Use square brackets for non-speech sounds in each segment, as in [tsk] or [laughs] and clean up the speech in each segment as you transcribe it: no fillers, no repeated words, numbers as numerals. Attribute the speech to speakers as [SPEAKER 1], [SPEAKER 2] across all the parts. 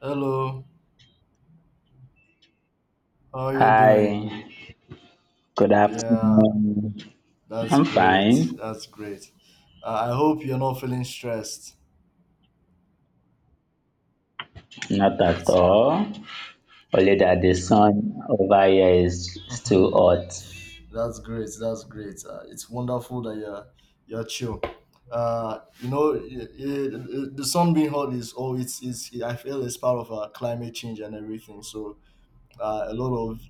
[SPEAKER 1] Hello, how are you doing?
[SPEAKER 2] Hi, good
[SPEAKER 1] Yeah,
[SPEAKER 2] afternoon.
[SPEAKER 1] that's
[SPEAKER 2] I'm
[SPEAKER 1] great.
[SPEAKER 2] fine,
[SPEAKER 1] That's great. I hope you're not feeling stressed.
[SPEAKER 2] not at
[SPEAKER 1] That's
[SPEAKER 2] all. Only that the sun over here is too hot,
[SPEAKER 1] that's great. That's great. It's wonderful that you're chill. Uh, you know, i- the sun being hot is oh, it's. I feel it's part of climate change and everything. So uh, a lot of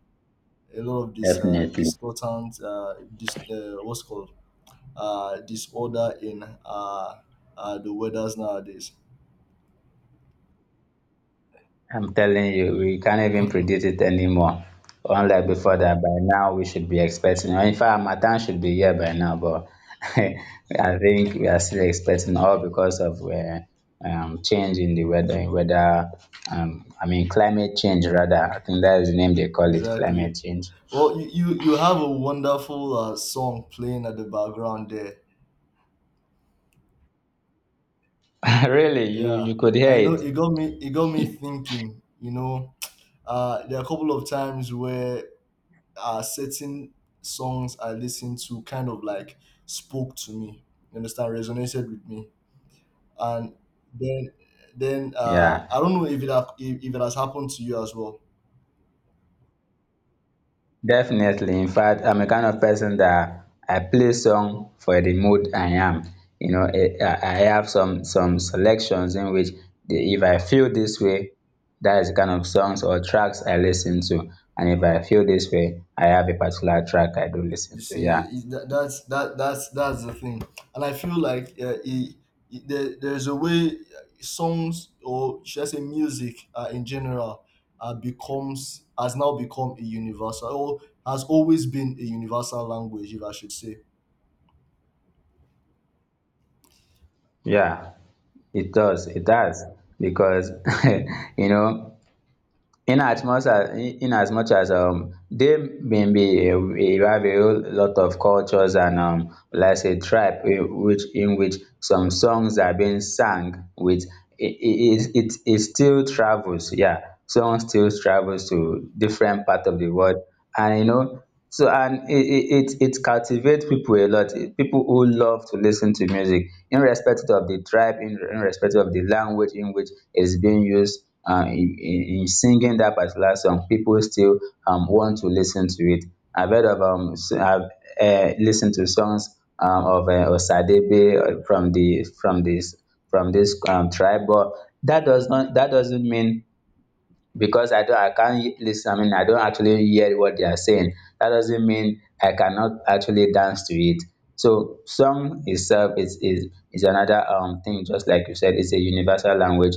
[SPEAKER 1] a lot of this
[SPEAKER 2] definitely.
[SPEAKER 1] distortant this what's called disorder in the weathers nowadays.
[SPEAKER 2] I'm telling you, we can't even predict it anymore. Unlike before that, by now we should be expecting. In fact, Matan should be here by now, but [laughs] I think we are still expecting all because of change in the weather, in weather I mean climate change rather. I think that is the name they call it,
[SPEAKER 1] Exactly.
[SPEAKER 2] climate change.
[SPEAKER 1] Well, you have a wonderful song playing at the background there.
[SPEAKER 2] [laughs] Really, you
[SPEAKER 1] Yeah,
[SPEAKER 2] you could hear
[SPEAKER 1] I know
[SPEAKER 2] it.
[SPEAKER 1] it got me thinking. You know, there are a couple of times where certain songs I listened to kind of like spoke to me. You understand, resonated with me, and then then I
[SPEAKER 2] Yeah,
[SPEAKER 1] don't know if it if it has happened to you as well.
[SPEAKER 2] definitely. In fact, I'm a kind of person that I play song for the mood I am, you know. I have some selections in which if I feel this way, that is the kind of songs or tracks I listen to. And if I feel this way, I have a particular track I do listen
[SPEAKER 1] You
[SPEAKER 2] to.
[SPEAKER 1] see,
[SPEAKER 2] Yeah,
[SPEAKER 1] that's the thing, and I feel like there's a way songs or should I say music in general becomes has now become a universal or has always been a universal language, if I should say.
[SPEAKER 2] yeah, it does. Because [laughs] you know, in as much as they bin be a we have a whole lot of cultures and let's say tribe, in which some songs are being sung with, it still travels. Yeah, song still travels to different part of the world. And you know, so, and it captivate people, a lot, people who love to listen to music irrespective of the tribe in, irrespective of the language in which it is being used in singing that particular song. People still want to listen to it. I've heard of I've listened to songs of Osadebe, from the from this tribe, but that doesn't mean because I can't listen, I mean I don't actually hear what they are saying. That doesn't mean I cannot actually dance to it. So song itself is another thing. Just like you said, it's a universal language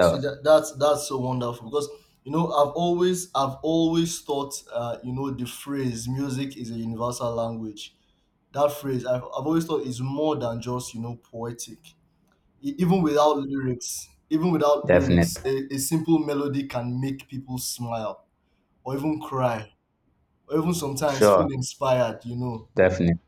[SPEAKER 1] See that that's so wonderful because you know I've always thought you know the phrase music is a universal language. That phrase I've always thought is more than just you know poetic. Even without lyrics
[SPEAKER 2] Definitely.
[SPEAKER 1] a simple melody can make people smile or even cry or even sometimes
[SPEAKER 2] Sure.
[SPEAKER 1] feel inspired, you know.
[SPEAKER 2] Definitely.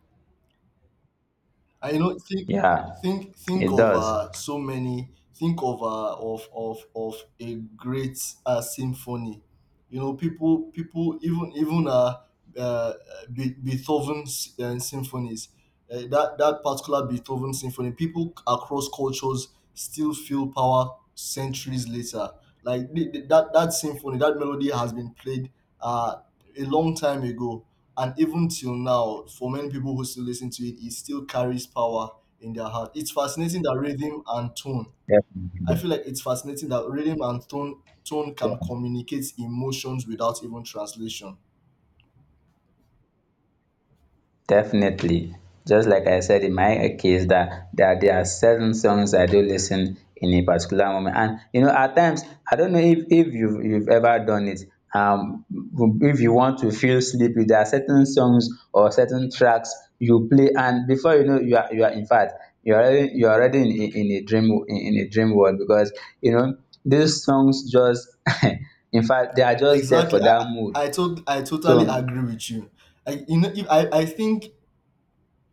[SPEAKER 1] And you know
[SPEAKER 2] Yeah,
[SPEAKER 1] think
[SPEAKER 2] it
[SPEAKER 1] of
[SPEAKER 2] does.
[SPEAKER 1] so many think of a great symphony. You know, people people even even uh Be- Beethoven's symphonies, that that particular Beethoven symphony, people across cultures still feel power centuries later. Like that that symphony, that melody has been played uh a long time ago, and even till now, for many people who still listen to it, it still carries power in their heart. It's fascinating that rhythm and tone I
[SPEAKER 2] Definitely.
[SPEAKER 1] feel like it's fascinating that rhythm and tone can communicate emotions without even translation.
[SPEAKER 2] Definitely. Just like I said in my case that, there are certain songs I do listen in a particular moment. And you know, at times I don't know if you've ever done it. Um if you want to feel sleepy, there are certain songs or certain tracks you play, and before you know you are, in fact you're already in a in a dream world because you know these songs just [laughs] in fact they are just there for
[SPEAKER 1] Exactly.
[SPEAKER 2] that mood.
[SPEAKER 1] I totally
[SPEAKER 2] So
[SPEAKER 1] agree with you. I you know if I, I think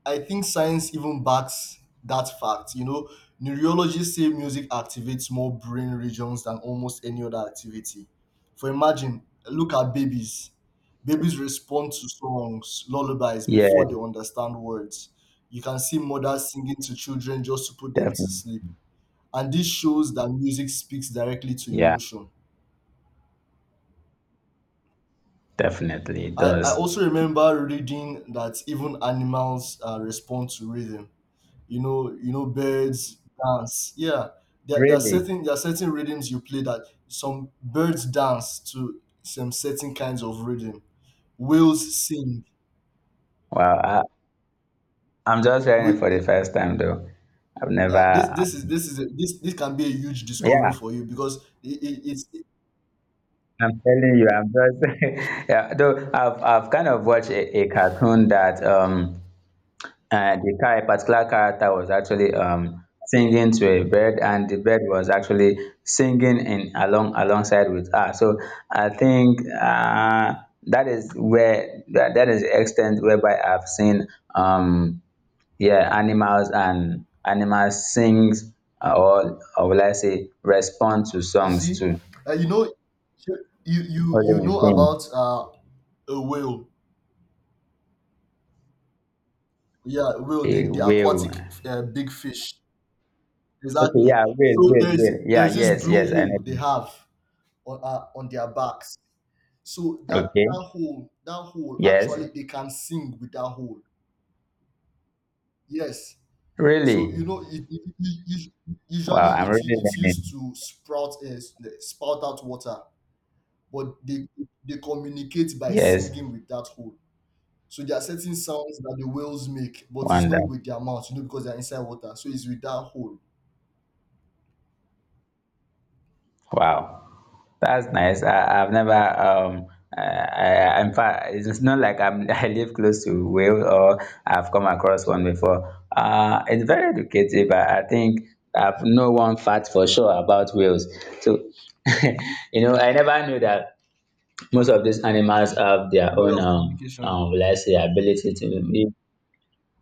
[SPEAKER 1] science even backs that fact. You know, neurologists say music activates more brain regions than almost any other activity. For imagine, look at babies. Babies respond to songs, lullabies before
[SPEAKER 2] yeah,
[SPEAKER 1] they understand words. You can see mothers singing to children just to put them to sleep, and this shows that music speaks directly to
[SPEAKER 2] yeah,
[SPEAKER 1] emotion.
[SPEAKER 2] definitely it
[SPEAKER 1] I
[SPEAKER 2] does.
[SPEAKER 1] also remember reading that even animals respond to rhythm. Birds dance. Yeah,
[SPEAKER 2] Really?
[SPEAKER 1] there are certain rhythms you play that some birds dance to, some certain kinds of rhythm. Whales sing.
[SPEAKER 2] Wow. I, I'm just hearing it for the
[SPEAKER 1] We,
[SPEAKER 2] first time, though. I've never.
[SPEAKER 1] this this is
[SPEAKER 2] um,
[SPEAKER 1] This is a, this can be a huge discovery
[SPEAKER 2] yeah,
[SPEAKER 1] for you because it's,
[SPEAKER 2] I'm telling you, I'm just. [laughs] Yeah, though I've kind of watched a cartoon that a particular character was actually singing to a bird, and the bird was actually singing in along, alongside with her. So I think that is where that is the extent whereby I've seen um yeah, animals, and animals sings or will I say respond to
[SPEAKER 1] you
[SPEAKER 2] songs
[SPEAKER 1] see,
[SPEAKER 2] too.
[SPEAKER 1] uh, you know,
[SPEAKER 2] All
[SPEAKER 1] you
[SPEAKER 2] in
[SPEAKER 1] know
[SPEAKER 2] sing.
[SPEAKER 1] about a whale. Yeah, will
[SPEAKER 2] A
[SPEAKER 1] the-
[SPEAKER 2] whale.
[SPEAKER 1] aquatic big fish.
[SPEAKER 2] Okay,
[SPEAKER 1] Exactly.
[SPEAKER 2] yeah, whale,
[SPEAKER 1] So
[SPEAKER 2] whale, whale. Yeah,
[SPEAKER 1] there's this
[SPEAKER 2] yes,
[SPEAKER 1] blue
[SPEAKER 2] yes, I know
[SPEAKER 1] hole they
[SPEAKER 2] them.
[SPEAKER 1] have on their backs. So
[SPEAKER 2] Okay,
[SPEAKER 1] that hole
[SPEAKER 2] yes.
[SPEAKER 1] actually, they can sing with that hole. Yes. So you
[SPEAKER 2] Really?
[SPEAKER 1] know
[SPEAKER 2] Wow,
[SPEAKER 1] usually
[SPEAKER 2] I'm really
[SPEAKER 1] it used
[SPEAKER 2] learning.
[SPEAKER 1] to sprout spout out water, but they communicate by
[SPEAKER 2] Yes,
[SPEAKER 1] singing with that hole. So there are certain sounds that the whales make, but it's
[SPEAKER 2] wonder.
[SPEAKER 1] not with their mouth, you know, because they're inside water. So it's with that hole.
[SPEAKER 2] Wow. That's nice. I, I've never I in fact it's not like I'm [laughs] I live close to Wales or I've come across one before. Uh, it's very educative. I think I've know one fact for sure about Wales. So [laughs] you know I never knew that most of these animals have their
[SPEAKER 1] Way
[SPEAKER 2] own
[SPEAKER 1] of communication.
[SPEAKER 2] let's say ability to.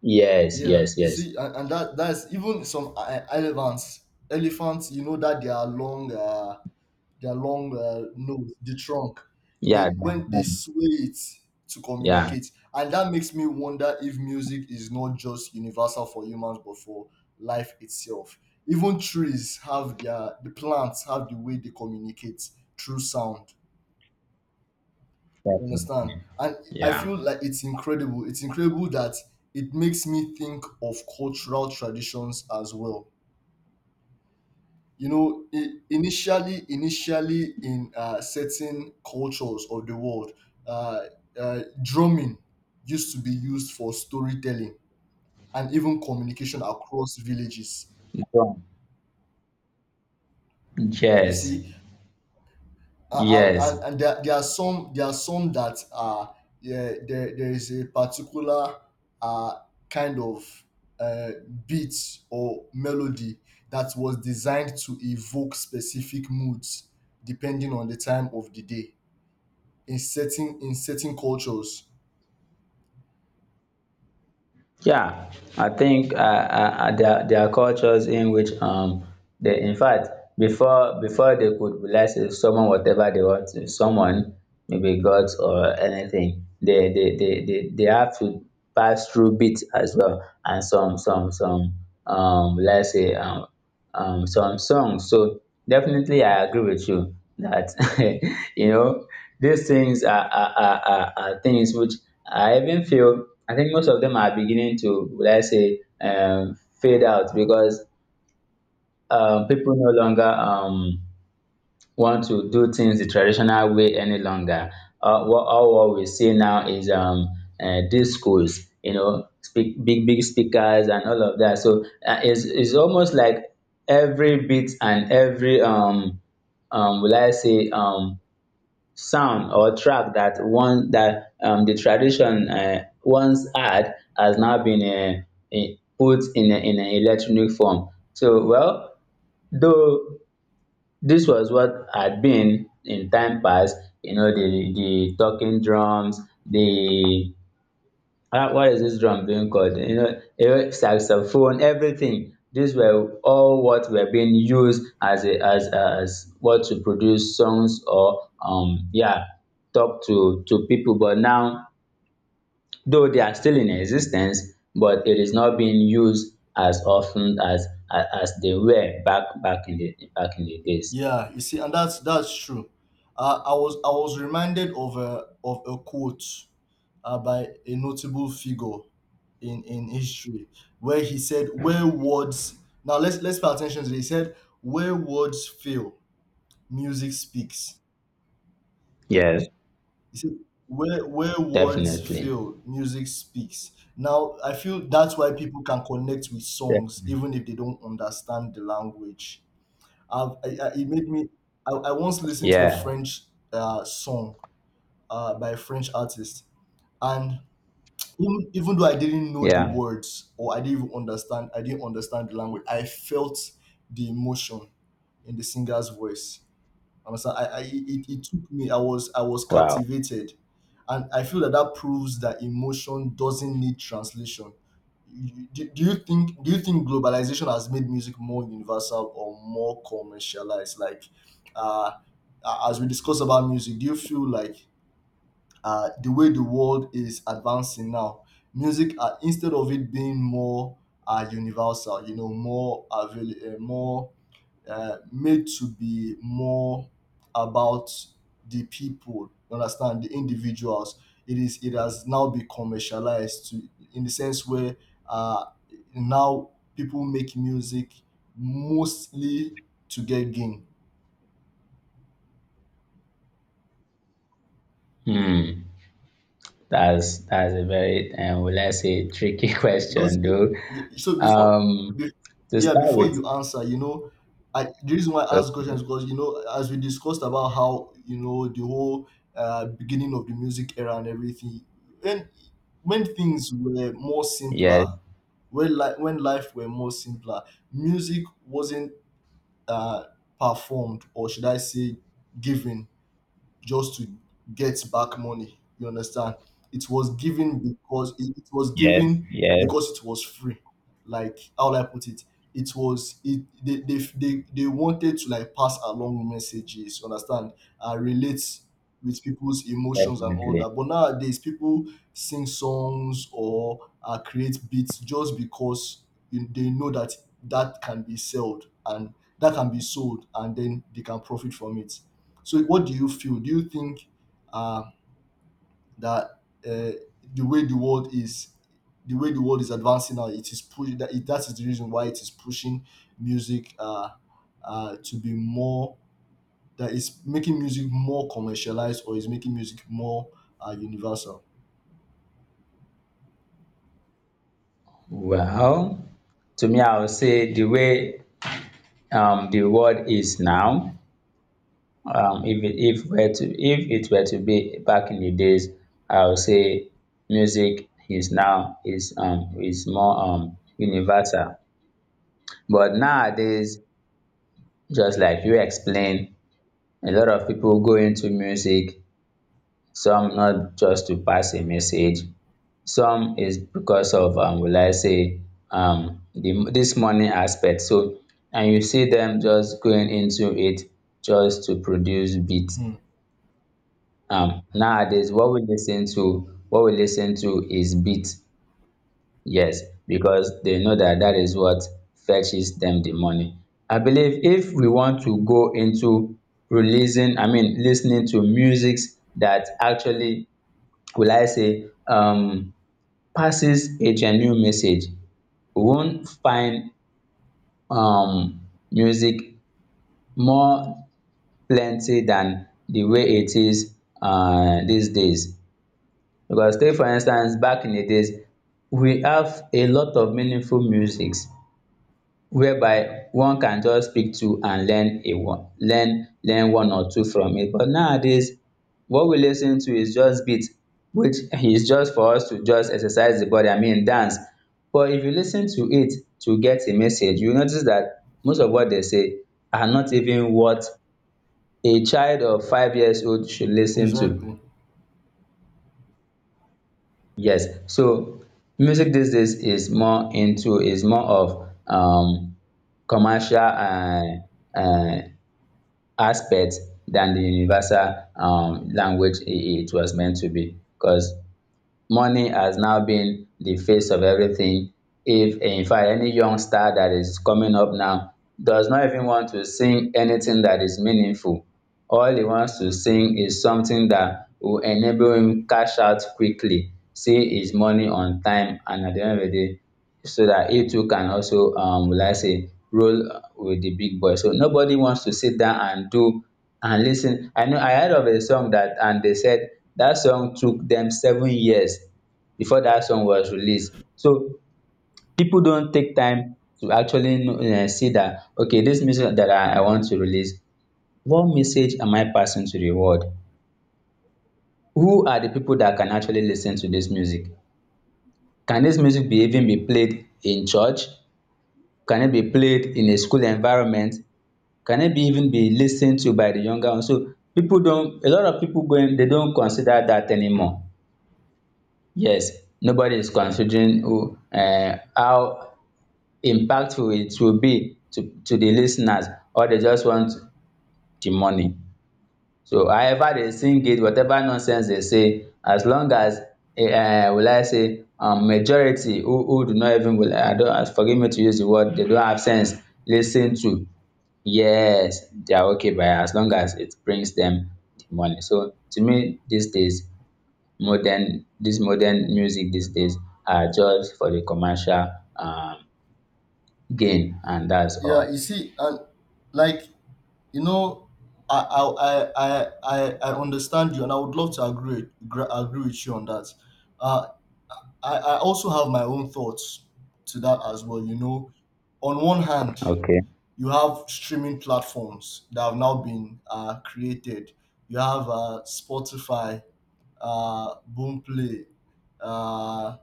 [SPEAKER 2] Yes,
[SPEAKER 1] Yeah,
[SPEAKER 2] yes,
[SPEAKER 1] you
[SPEAKER 2] yes.
[SPEAKER 1] see, and, that that's even some elephants. Elephants, you know that they are long, their long nose, the trunk.
[SPEAKER 2] Yeah,
[SPEAKER 1] They, when they sway it to
[SPEAKER 2] yeah,
[SPEAKER 1] communicate, and that makes me wonder if music is not just universal for humans, but for life itself. Even trees have their the plants have the way they communicate through sound. You understand? And I
[SPEAKER 2] yeah.
[SPEAKER 1] feel like it's incredible. It's incredible that It makes me think of cultural traditions as well. You know, initially in certain cultures of the world, uh, drumming used to be used for storytelling and even communication across villages. You
[SPEAKER 2] Yes,
[SPEAKER 1] see.
[SPEAKER 2] yes.
[SPEAKER 1] And there, there are some that are — yeah, there is a particular uh kind of uh, beat or melody that was designed to evoke specific moods depending on the time of the day, in certain cultures.
[SPEAKER 2] Yeah, I think there, there are cultures in which they in fact before they could bless someone whatever they want, if someone, maybe God or anything, they they have to pass through bits as well, and some let's say some songs. So definitely, I agree with you that [laughs] you know these things are things which I even feel. I think most of them are beginning to, would I say, fade out because people no longer want to do things the traditional way any longer. What, all what we see now is discos, you know, speak, big, big speakers and all of that. So it's almost like every beat and every, will I say, sound or track that one that the tradition once had, has now been put in a, in an electronic form. So, well, though this was what had been in time past, you know, the talking drums, the ah, what is this drum being called? You know, you saxophone, everything. These were all what were being used as a, as as what to produce songs or yeah talk to people. But now, though they are still in existence, but it is not being used as often as they were back in the back in the days.
[SPEAKER 1] Yeah, you see, and that's true. I was reminded of a quote by a notable figure in history where he said, "Where words — now let's pay attention to this. He said, "Where words fail, music speaks."
[SPEAKER 2] Yes.
[SPEAKER 1] He said, "Where words
[SPEAKER 2] Definitely.
[SPEAKER 1] fail, music speaks." Now I feel that's why people can connect with
[SPEAKER 2] Yeah.
[SPEAKER 1] songs even if they don't understand the language. I've, I, it made me. I once listened to a
[SPEAKER 2] Yeah.
[SPEAKER 1] French song by a French artist, and even, even though I didn't know the
[SPEAKER 2] Yeah.
[SPEAKER 1] words or I didn't even understand, I didn't understand the language. I felt the emotion in the singer's voice. Understand? It took me. I was
[SPEAKER 2] Wow.
[SPEAKER 1] captivated, and I feel that that proves that emotion doesn't need translation. Do you think — do you think globalization has made music more universal or more commercialized? Like, uh, as we discuss about music, do you feel like the way the world is advancing now, music, instead of it being more universal, you know, more more made to be more about the people, you understand, the individuals, it is — it has now been commercialized to, in the sense where uh now people make music mostly to get gain,
[SPEAKER 2] Hmm. That's a very will I say tricky [laughs]
[SPEAKER 1] because
[SPEAKER 2] question though.
[SPEAKER 1] you — so
[SPEAKER 2] Um
[SPEAKER 1] be,
[SPEAKER 2] to
[SPEAKER 1] yeah,
[SPEAKER 2] start
[SPEAKER 1] before
[SPEAKER 2] with,
[SPEAKER 1] you answer, you know, I the reason why I ask questions,
[SPEAKER 2] okay.
[SPEAKER 1] because you know as we discussed about how you know the whole beginning of the music era and everything, when things were more
[SPEAKER 2] Yes,
[SPEAKER 1] simpler, when like when life were more simpler, music wasn't uh, performed or should I say given just to get back money. You understand? It was given because it was
[SPEAKER 2] yes,
[SPEAKER 1] given
[SPEAKER 2] yes,
[SPEAKER 1] because it was free. Like how will I put it? It was — it they wanted to like pass along messages, you understand, and relate with people's emotions and all
[SPEAKER 2] definitely.
[SPEAKER 1] that. But nowadays people sing songs or create beats just because they know that that can be sold and that can be sold, and then they can profit from it. So, what do you feel? Do you think uh, that uh, the way the world is — the way the world is advancing now, it is pushing that — it, that is the reason why it is pushing music to be more — that is making music more commercialized, or is making music more universal.
[SPEAKER 2] Well, to me I would say the way the world is now, if it if it were to be back in the days, I would say music is now is more universal, but nowadays, just like you explain, a lot of people go into music, some not just to pass a message, some is because of will I say the this money aspect. So and you see them just going into it just to produce beat.
[SPEAKER 1] Hmm,
[SPEAKER 2] Nowadays what we listen to, what we listen to is beat. Yes, because they know that that is what fetches them the money. I believe if we want to go into releasing, I mean listening to musics that actually will I say passes a genuine message, we won't find music more plenty than the way it is uh, these days, because take for instance back in the days we have a lot of meaningful musics whereby one can just pick two and learn a one learn learn one or two from it. But nowadays what we lis ten to is just beat, which [laughs] is just for us to just exercise the body, I mean dance. But if you lis ten to it to get a message, you notice that most of what they say are not even what a child of 5 years old should lis ten to.
[SPEAKER 1] exactly.
[SPEAKER 2] Yes, so music these days is more into is more of commercial and um aspect than the universal language it was meant to be, because money has now been the face of everything. If in fact any youngster that is coming up now does not even want to sing anything that is meaningful, all he wants to sing is something that will enable him cash out quickly, see his money on time, and at the end of the day, so that he too can also will I say roll with the big boy. So nobody wants to sit down and do and listen. I know I heard of a song that and they said that song took them 7 years before that song was released. So people don't take time to actually know, eh, see that okay, this music that I want to release, what message am I passing to the world? Who are the people that can actually listen to this music? Can this music be even be played in church? Can it be played in a school environment? Can it be even be lis ten to by the younger ones? So people don't, a lot of people going, they don't consider that anymore. Yes, nobody is considering who, um, how impactful it will be to the lis ten ers, or they just want the money. So however they sing it, whatever nonsense they say, as long as will I say majority who do not even will I don't forgive me to use the word they don't have sense listen to, yes, they are okay by, as long as it brings them the money. So to me these days modern this modern music these days are just for the commercial um gain, and that's
[SPEAKER 1] Yeah,
[SPEAKER 2] all.
[SPEAKER 1] you see, and like you know, I understand you, and I would love to agree — agree with you on that. Uh, I also have my own thoughts to that as well. You know, on one hand,
[SPEAKER 2] Okay.
[SPEAKER 1] you have streaming platforms that have now been created. You have Spotify, Boomplay, uh,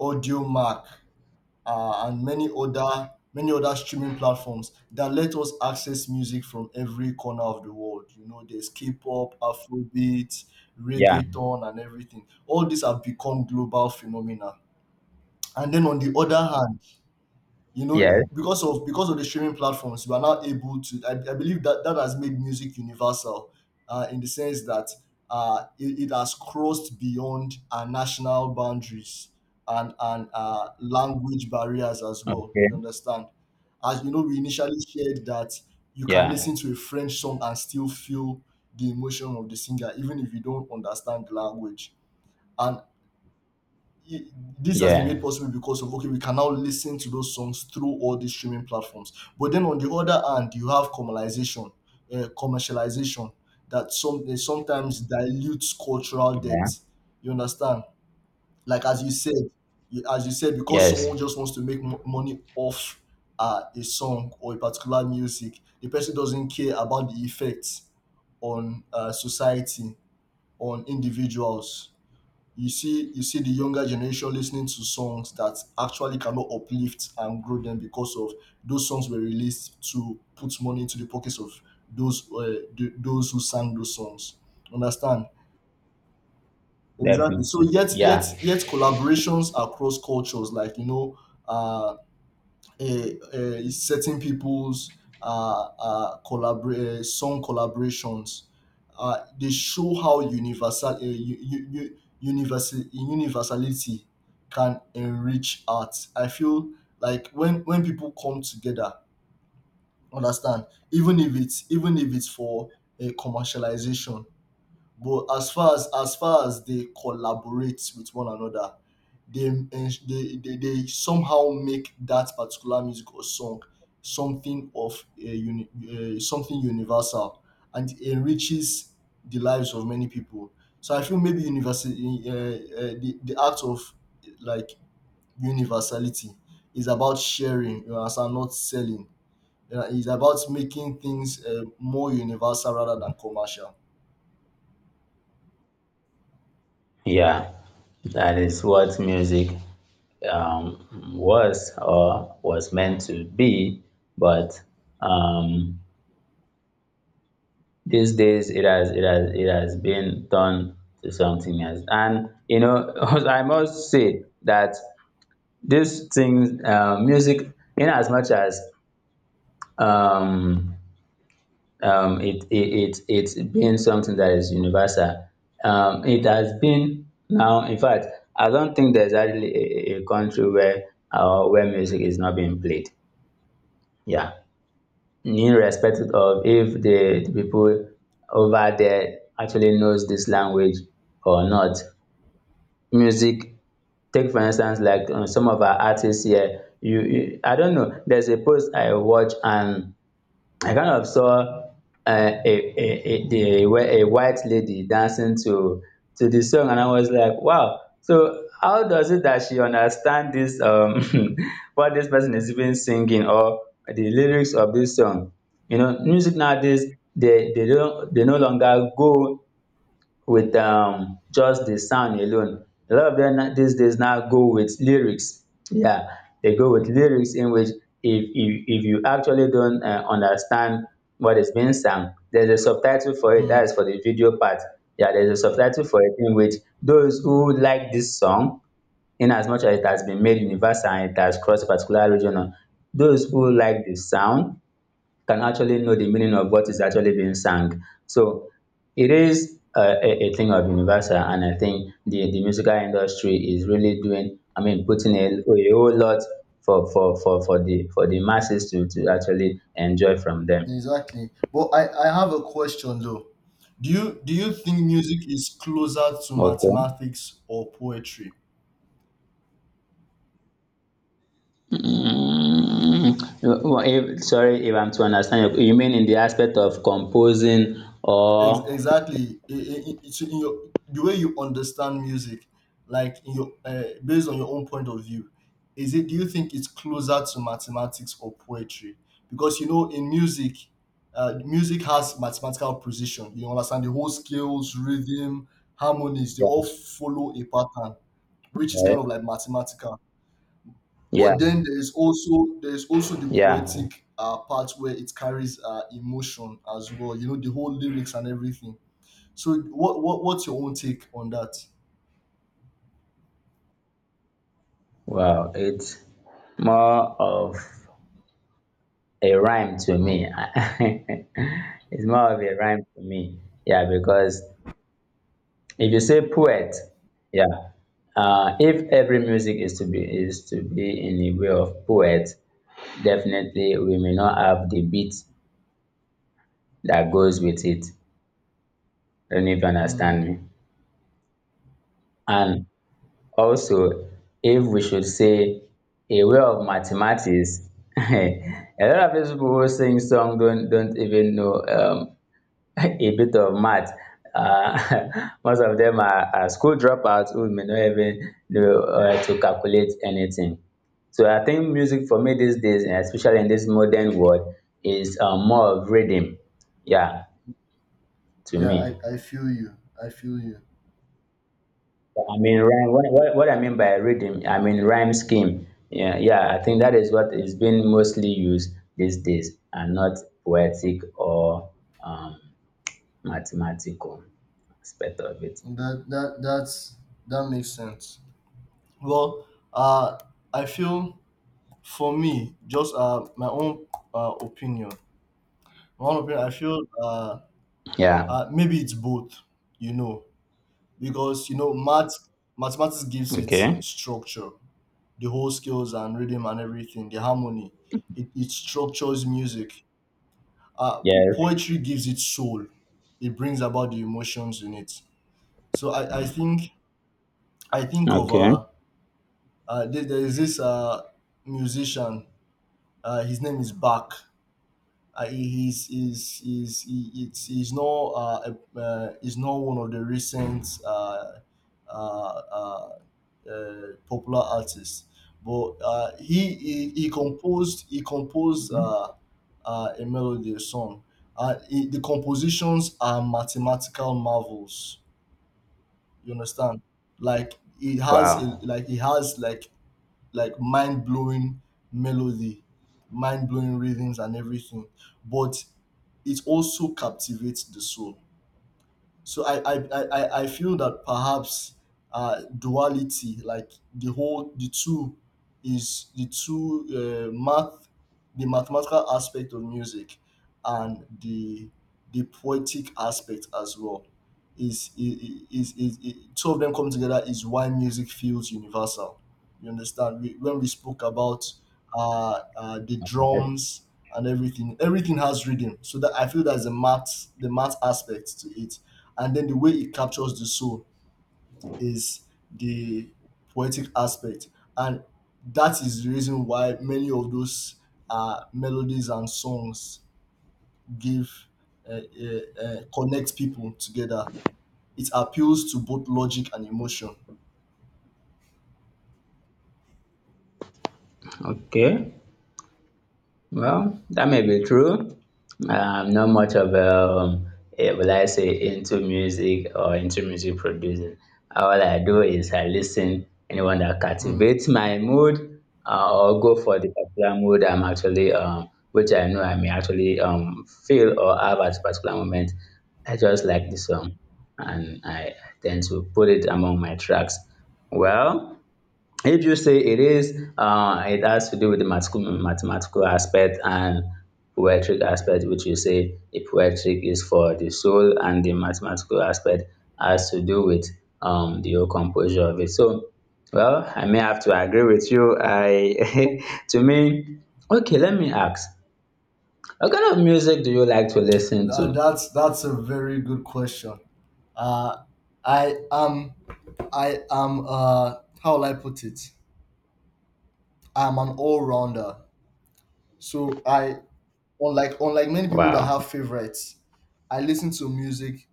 [SPEAKER 1] AudioMac, and many other streaming platforms that let us access music from every corner of the world. You know, there's K-pop, Afrobeat,
[SPEAKER 2] Yeah.
[SPEAKER 1] reggaeton, and everything. All these have become global phenomena. And then on the other hand, you know,
[SPEAKER 2] Yes.
[SPEAKER 1] because of the streaming platforms, you are now able to. I believe that that has made music universal, in the sense that it has crossed beyond our national boundaries and language barriers as well. You
[SPEAKER 2] Okay.
[SPEAKER 1] understand? As you know, we initially shared that you can
[SPEAKER 2] Yeah.
[SPEAKER 1] listen to a French song and still feel the emotion of the singer, even if you don't understand the language. And y- this has been made
[SPEAKER 2] Yeah.
[SPEAKER 1] possible because of — okay, we can now listen to those songs through all these streaming platforms. But then on the other hand, you have commercialization, commercialization that some sometimes dilutes cultural
[SPEAKER 2] Yeah.
[SPEAKER 1] depth. You understand? Like as you said, as you said, because
[SPEAKER 2] Yes.
[SPEAKER 1] someone just wants to make money off a song or a particular music, the person doesn't care about the effects on society, on individuals. You see, the younger generation listening to songs that actually cannot uplift and grow them, because of those songs were released to put money into the pockets of those those who sang those songs. Understand? Exactly. So
[SPEAKER 2] Definitely.
[SPEAKER 1] yet,
[SPEAKER 2] Yeah,
[SPEAKER 1] collaborations across cultures, like, you know, uh a, a certain people's song collaborations. They show how universal universality can enrich art. I feel like when people come together, understand, even if it's for a commercialization, but as far as they collaborate with one another, they they somehow make that particular music or song something of a uni, something universal, and it enriches the lives of many people. So I feel maybe the act of, like, universality is about sharing, you understand, not selling. It's about making things more universal rather than commercial.
[SPEAKER 2] yeah. That is what music um, was or was meant to be, but um, these days it has it has been turned to something else. And [laughs] I must say that this thing, music, in as much as um, it's been something that is universal. It has been now, in fact, I don't think there's actually a country where music is not being played. Yeah, irrespective of if the people over there actually knows this language or not. Music, take for instance, like some of our artists here. I don't know. There's a post I watch and I kind of saw where a white lady dancing to the song, and I was like, wow. So how does it that she understand this [laughs] what this person is even singing or the lyrics of this song? You know, music nowadays they no longer go with just the sound alone. A lot of them these days now go with lyrics. Yeah, they go with lyrics in which if you actually don't understand what is being sung, there's a subtitle for it.
[SPEAKER 1] Hmm.
[SPEAKER 2] That is for the video part. Yeah, there's a subtitle for it in which those who like this song in as much as it has been made universal and it has crossed a particular region, those who like the sound can actually know the meaning of what is actually being sung. So it is a thing of universal, and I think the musical industry is really doing, I mean, putting a whole lot for the masses to actually enjoy from them.
[SPEAKER 1] Exactly. But I have a question though. Do you think music is closer to
[SPEAKER 2] Okay.
[SPEAKER 1] mathematics or poetry?
[SPEAKER 2] Well, if, sorry if I'm to understand you. You mean in the aspect of composing or
[SPEAKER 1] Exactly. The way you understand music, like in your based on your own point of view, is it? Do you think it's closer to mathematics or poetry? Because you know, in music, music has mathematical precision. You understand the whole scales, rhythm, harmonies. They all follow a pattern, which is
[SPEAKER 2] yeah,
[SPEAKER 1] kind of like mathematical.
[SPEAKER 2] yeah,
[SPEAKER 1] But then there is also the
[SPEAKER 2] yeah.
[SPEAKER 1] poetic part where it carries emotion as well. You know, the whole lyrics and everything. So what what's your own take on that?
[SPEAKER 2] Wow, it's more of a rhyme to me.
[SPEAKER 1] Hmm.
[SPEAKER 2] [laughs] It's more of a rhyme to me. Yeah, because if you say poet, yeah, if every music is to be in the way of poet, definitely we may not have the beat that goes with it. I don't know if you understand
[SPEAKER 1] Mm.
[SPEAKER 2] me. And also, if we should say a way of mathematics, [laughs] a lot of these people who sing song don't even know [laughs] a bit of math. [laughs] Most of them are school dropouts who may not even know to calculate anything. So I think music for me these days, and especially in this modern world, is more of rhythm. Yeah, to
[SPEAKER 1] Yeah,
[SPEAKER 2] me.
[SPEAKER 1] I feel you. I feel you.
[SPEAKER 2] I mean, rhyme, what I mean by rhythm, I mean rhyme scheme. Yeah, yeah, I think that is what is being mostly used these days, and not poetic or um, mathematical aspect of it.
[SPEAKER 1] That that makes sense. Well, uh, I feel for me, just my own opinion. My own opinion. I feel
[SPEAKER 2] Yeah.
[SPEAKER 1] maybe it's both. You know, because you know mathematics gives it
[SPEAKER 2] Okay.
[SPEAKER 1] structure, the whole scales and rhythm and everything, the harmony. It structures music, uh,
[SPEAKER 2] Yes.
[SPEAKER 1] poetry gives it soul. It brings about the emotions in it. So I think I think of
[SPEAKER 2] Okay.
[SPEAKER 1] there, there is this musician. His name is Bach. He's not he's not one of the recent uh, uh, popular artists, but he composed a melody, a song. The compositions are mathematical marvels. You understand?
[SPEAKER 2] Wow.
[SPEAKER 1] Like it has like mind blowing melody, mind blowing rhythms and everything. But it also captivates the soul. So I feel that perhaps duality, like the whole, the two, is the two math, the mathematical aspect of music, and the poetic aspect as well. Is two of them come together is why music feels universal. You understand? We, when we spoke about the drums and everything, everything has rhythm. So that I feel that's the math aspect to it, and then the way it captures the soul is the poetic aspect, and that is the reason why many of those melodies and songs give connect people together. It appeals to both logic and emotion.
[SPEAKER 2] Okay. Well, that may be true. I'm not much of a, will I say, into music or into music producing. All I do is I listen anyone that
[SPEAKER 1] Mm.
[SPEAKER 2] captivates my mood or go for the particular mood I'm actually, which I know I may actually feel or have at a particular moment. I just like the song and I tend to put it among my tracks. Well, if you say it is, it has to do with the mathematical aspect and poetic aspect, which you say the poetic is for the soul, and the mathematical aspect has to do with the whole composure of it. So, well, I may have to agree with you. I, [laughs] to me, okay, let me ask. What kind of music do you like to listen
[SPEAKER 1] Uh,
[SPEAKER 2] to?
[SPEAKER 1] that's that's a very good question. Uh, I am I am How will I put it? I'm an all-rounder. So I unlike many people that
[SPEAKER 2] Wow.
[SPEAKER 1] have favorites, I listen to music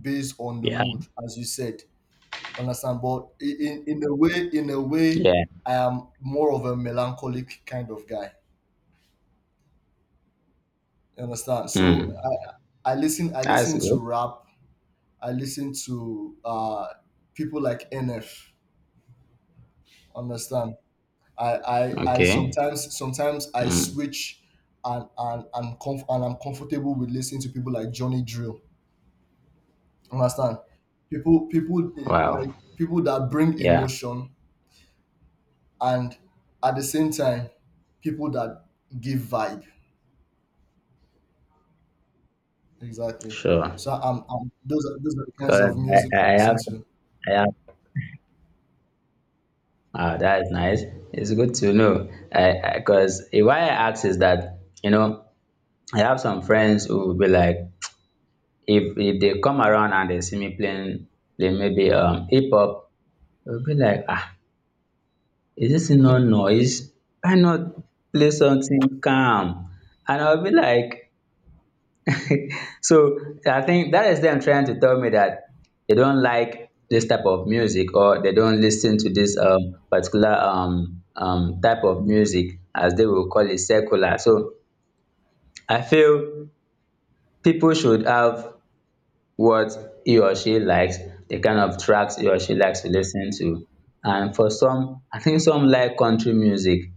[SPEAKER 1] based on the
[SPEAKER 2] Yeah.
[SPEAKER 1] mood, as you said, understand. But in a way,
[SPEAKER 2] Yeah.
[SPEAKER 1] I am more of a melancholic kind of guy, you understand. So
[SPEAKER 2] Hmm.
[SPEAKER 1] I
[SPEAKER 2] That's
[SPEAKER 1] listen to
[SPEAKER 2] good.
[SPEAKER 1] rap. I listen to people like NF, understand. I
[SPEAKER 2] Okay.
[SPEAKER 1] sometimes Sometimes I
[SPEAKER 2] Hmm.
[SPEAKER 1] switch, and I'm comfortable with listening to people like Johnny Drill, understand. People,
[SPEAKER 2] Wow.
[SPEAKER 1] like people that bring
[SPEAKER 2] Yeah.
[SPEAKER 1] emotion, and at the same time, people that give vibe. Exactly.
[SPEAKER 2] Sure.
[SPEAKER 1] So I'm, I those are the kinds
[SPEAKER 2] Correct.
[SPEAKER 1] of music I
[SPEAKER 2] I
[SPEAKER 1] listen
[SPEAKER 2] have,
[SPEAKER 1] to.
[SPEAKER 2] I have. Ah, that is nice. It's good to know. I, because why I ask is that you know I have some friends who will be like, if they come around and they see me playing, they maybe hip hop, they'll be like, ah,
[SPEAKER 1] [laughs]
[SPEAKER 2] is this no
[SPEAKER 1] Mhm.
[SPEAKER 2] noise? Why not play something calm? And I'll be like, [laughs] so I think that is them trying to tell me that they don't like this type of music or they don't listen to this particular type of music as they will call it secular. So I feel people should have what he or she likes, the kind of tracks he or she likes to listen to. And for some, I think some like country music.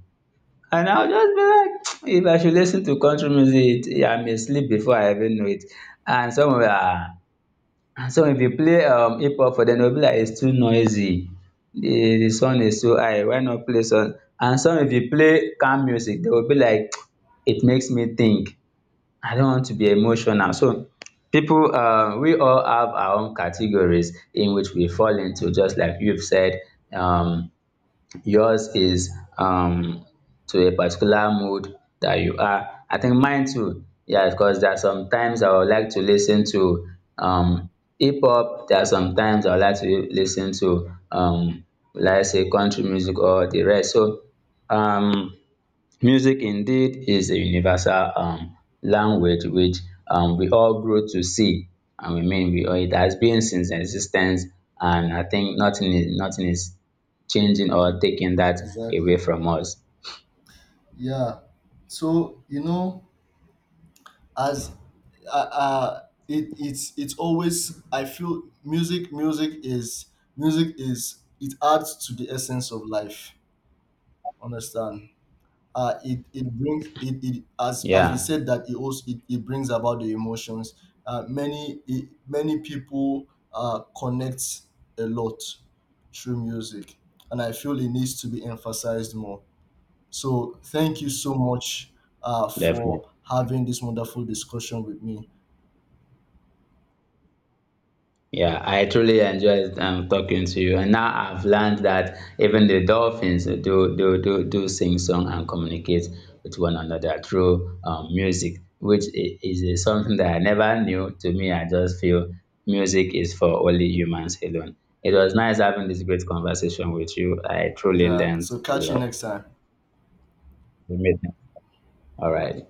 [SPEAKER 2] And I'll just be like, [tsk] if I should listen to country music, I may sleep before I even know it. And some of them are. So if you play hip hop for dem, dem go be like it's too noisy, the sound is too high, why not play some, and some if you play calm music, they will be like [tsk] it makes me think, I don't want to be emotional. So people, we all have our own categories in which we fall into just like you've said. um Yours is um to a particular mood that you are. I think mine too. Yeah, because there are some times I would like to listen to um hip hop. There are some times I would like to listen to let's say country music or the rest. So um music indeed is a universal language which we all grow to see, I mean we all, it has been since existence, and I think nothing is changing or taking that away
[SPEAKER 1] Exactly.
[SPEAKER 2] from us.
[SPEAKER 1] Yeah, so you know, as uh, uh it it's always, I feel music is, it adds to the essence of life, understand. It, as we
[SPEAKER 2] Yeah,
[SPEAKER 1] said, that it also, it brings about the emotions. Many people connect a lot through music, and I feel it needs to be emphasized more. So thank you so much
[SPEAKER 2] definitely.
[SPEAKER 1] for having this wonderful discussion with me.
[SPEAKER 2] Yeah, I truly enjoyed talking to you. And now I've learned that even the dolphins do sing song and communicate with one another through music, which is something that I never knew. To me, I just feel music is for only humans alone. It was nice having this great conversation with you. I truly
[SPEAKER 1] Yeah.
[SPEAKER 2] learned
[SPEAKER 1] So
[SPEAKER 2] a
[SPEAKER 1] catch you
[SPEAKER 2] lot.
[SPEAKER 1] next time.
[SPEAKER 2] We made it. All right.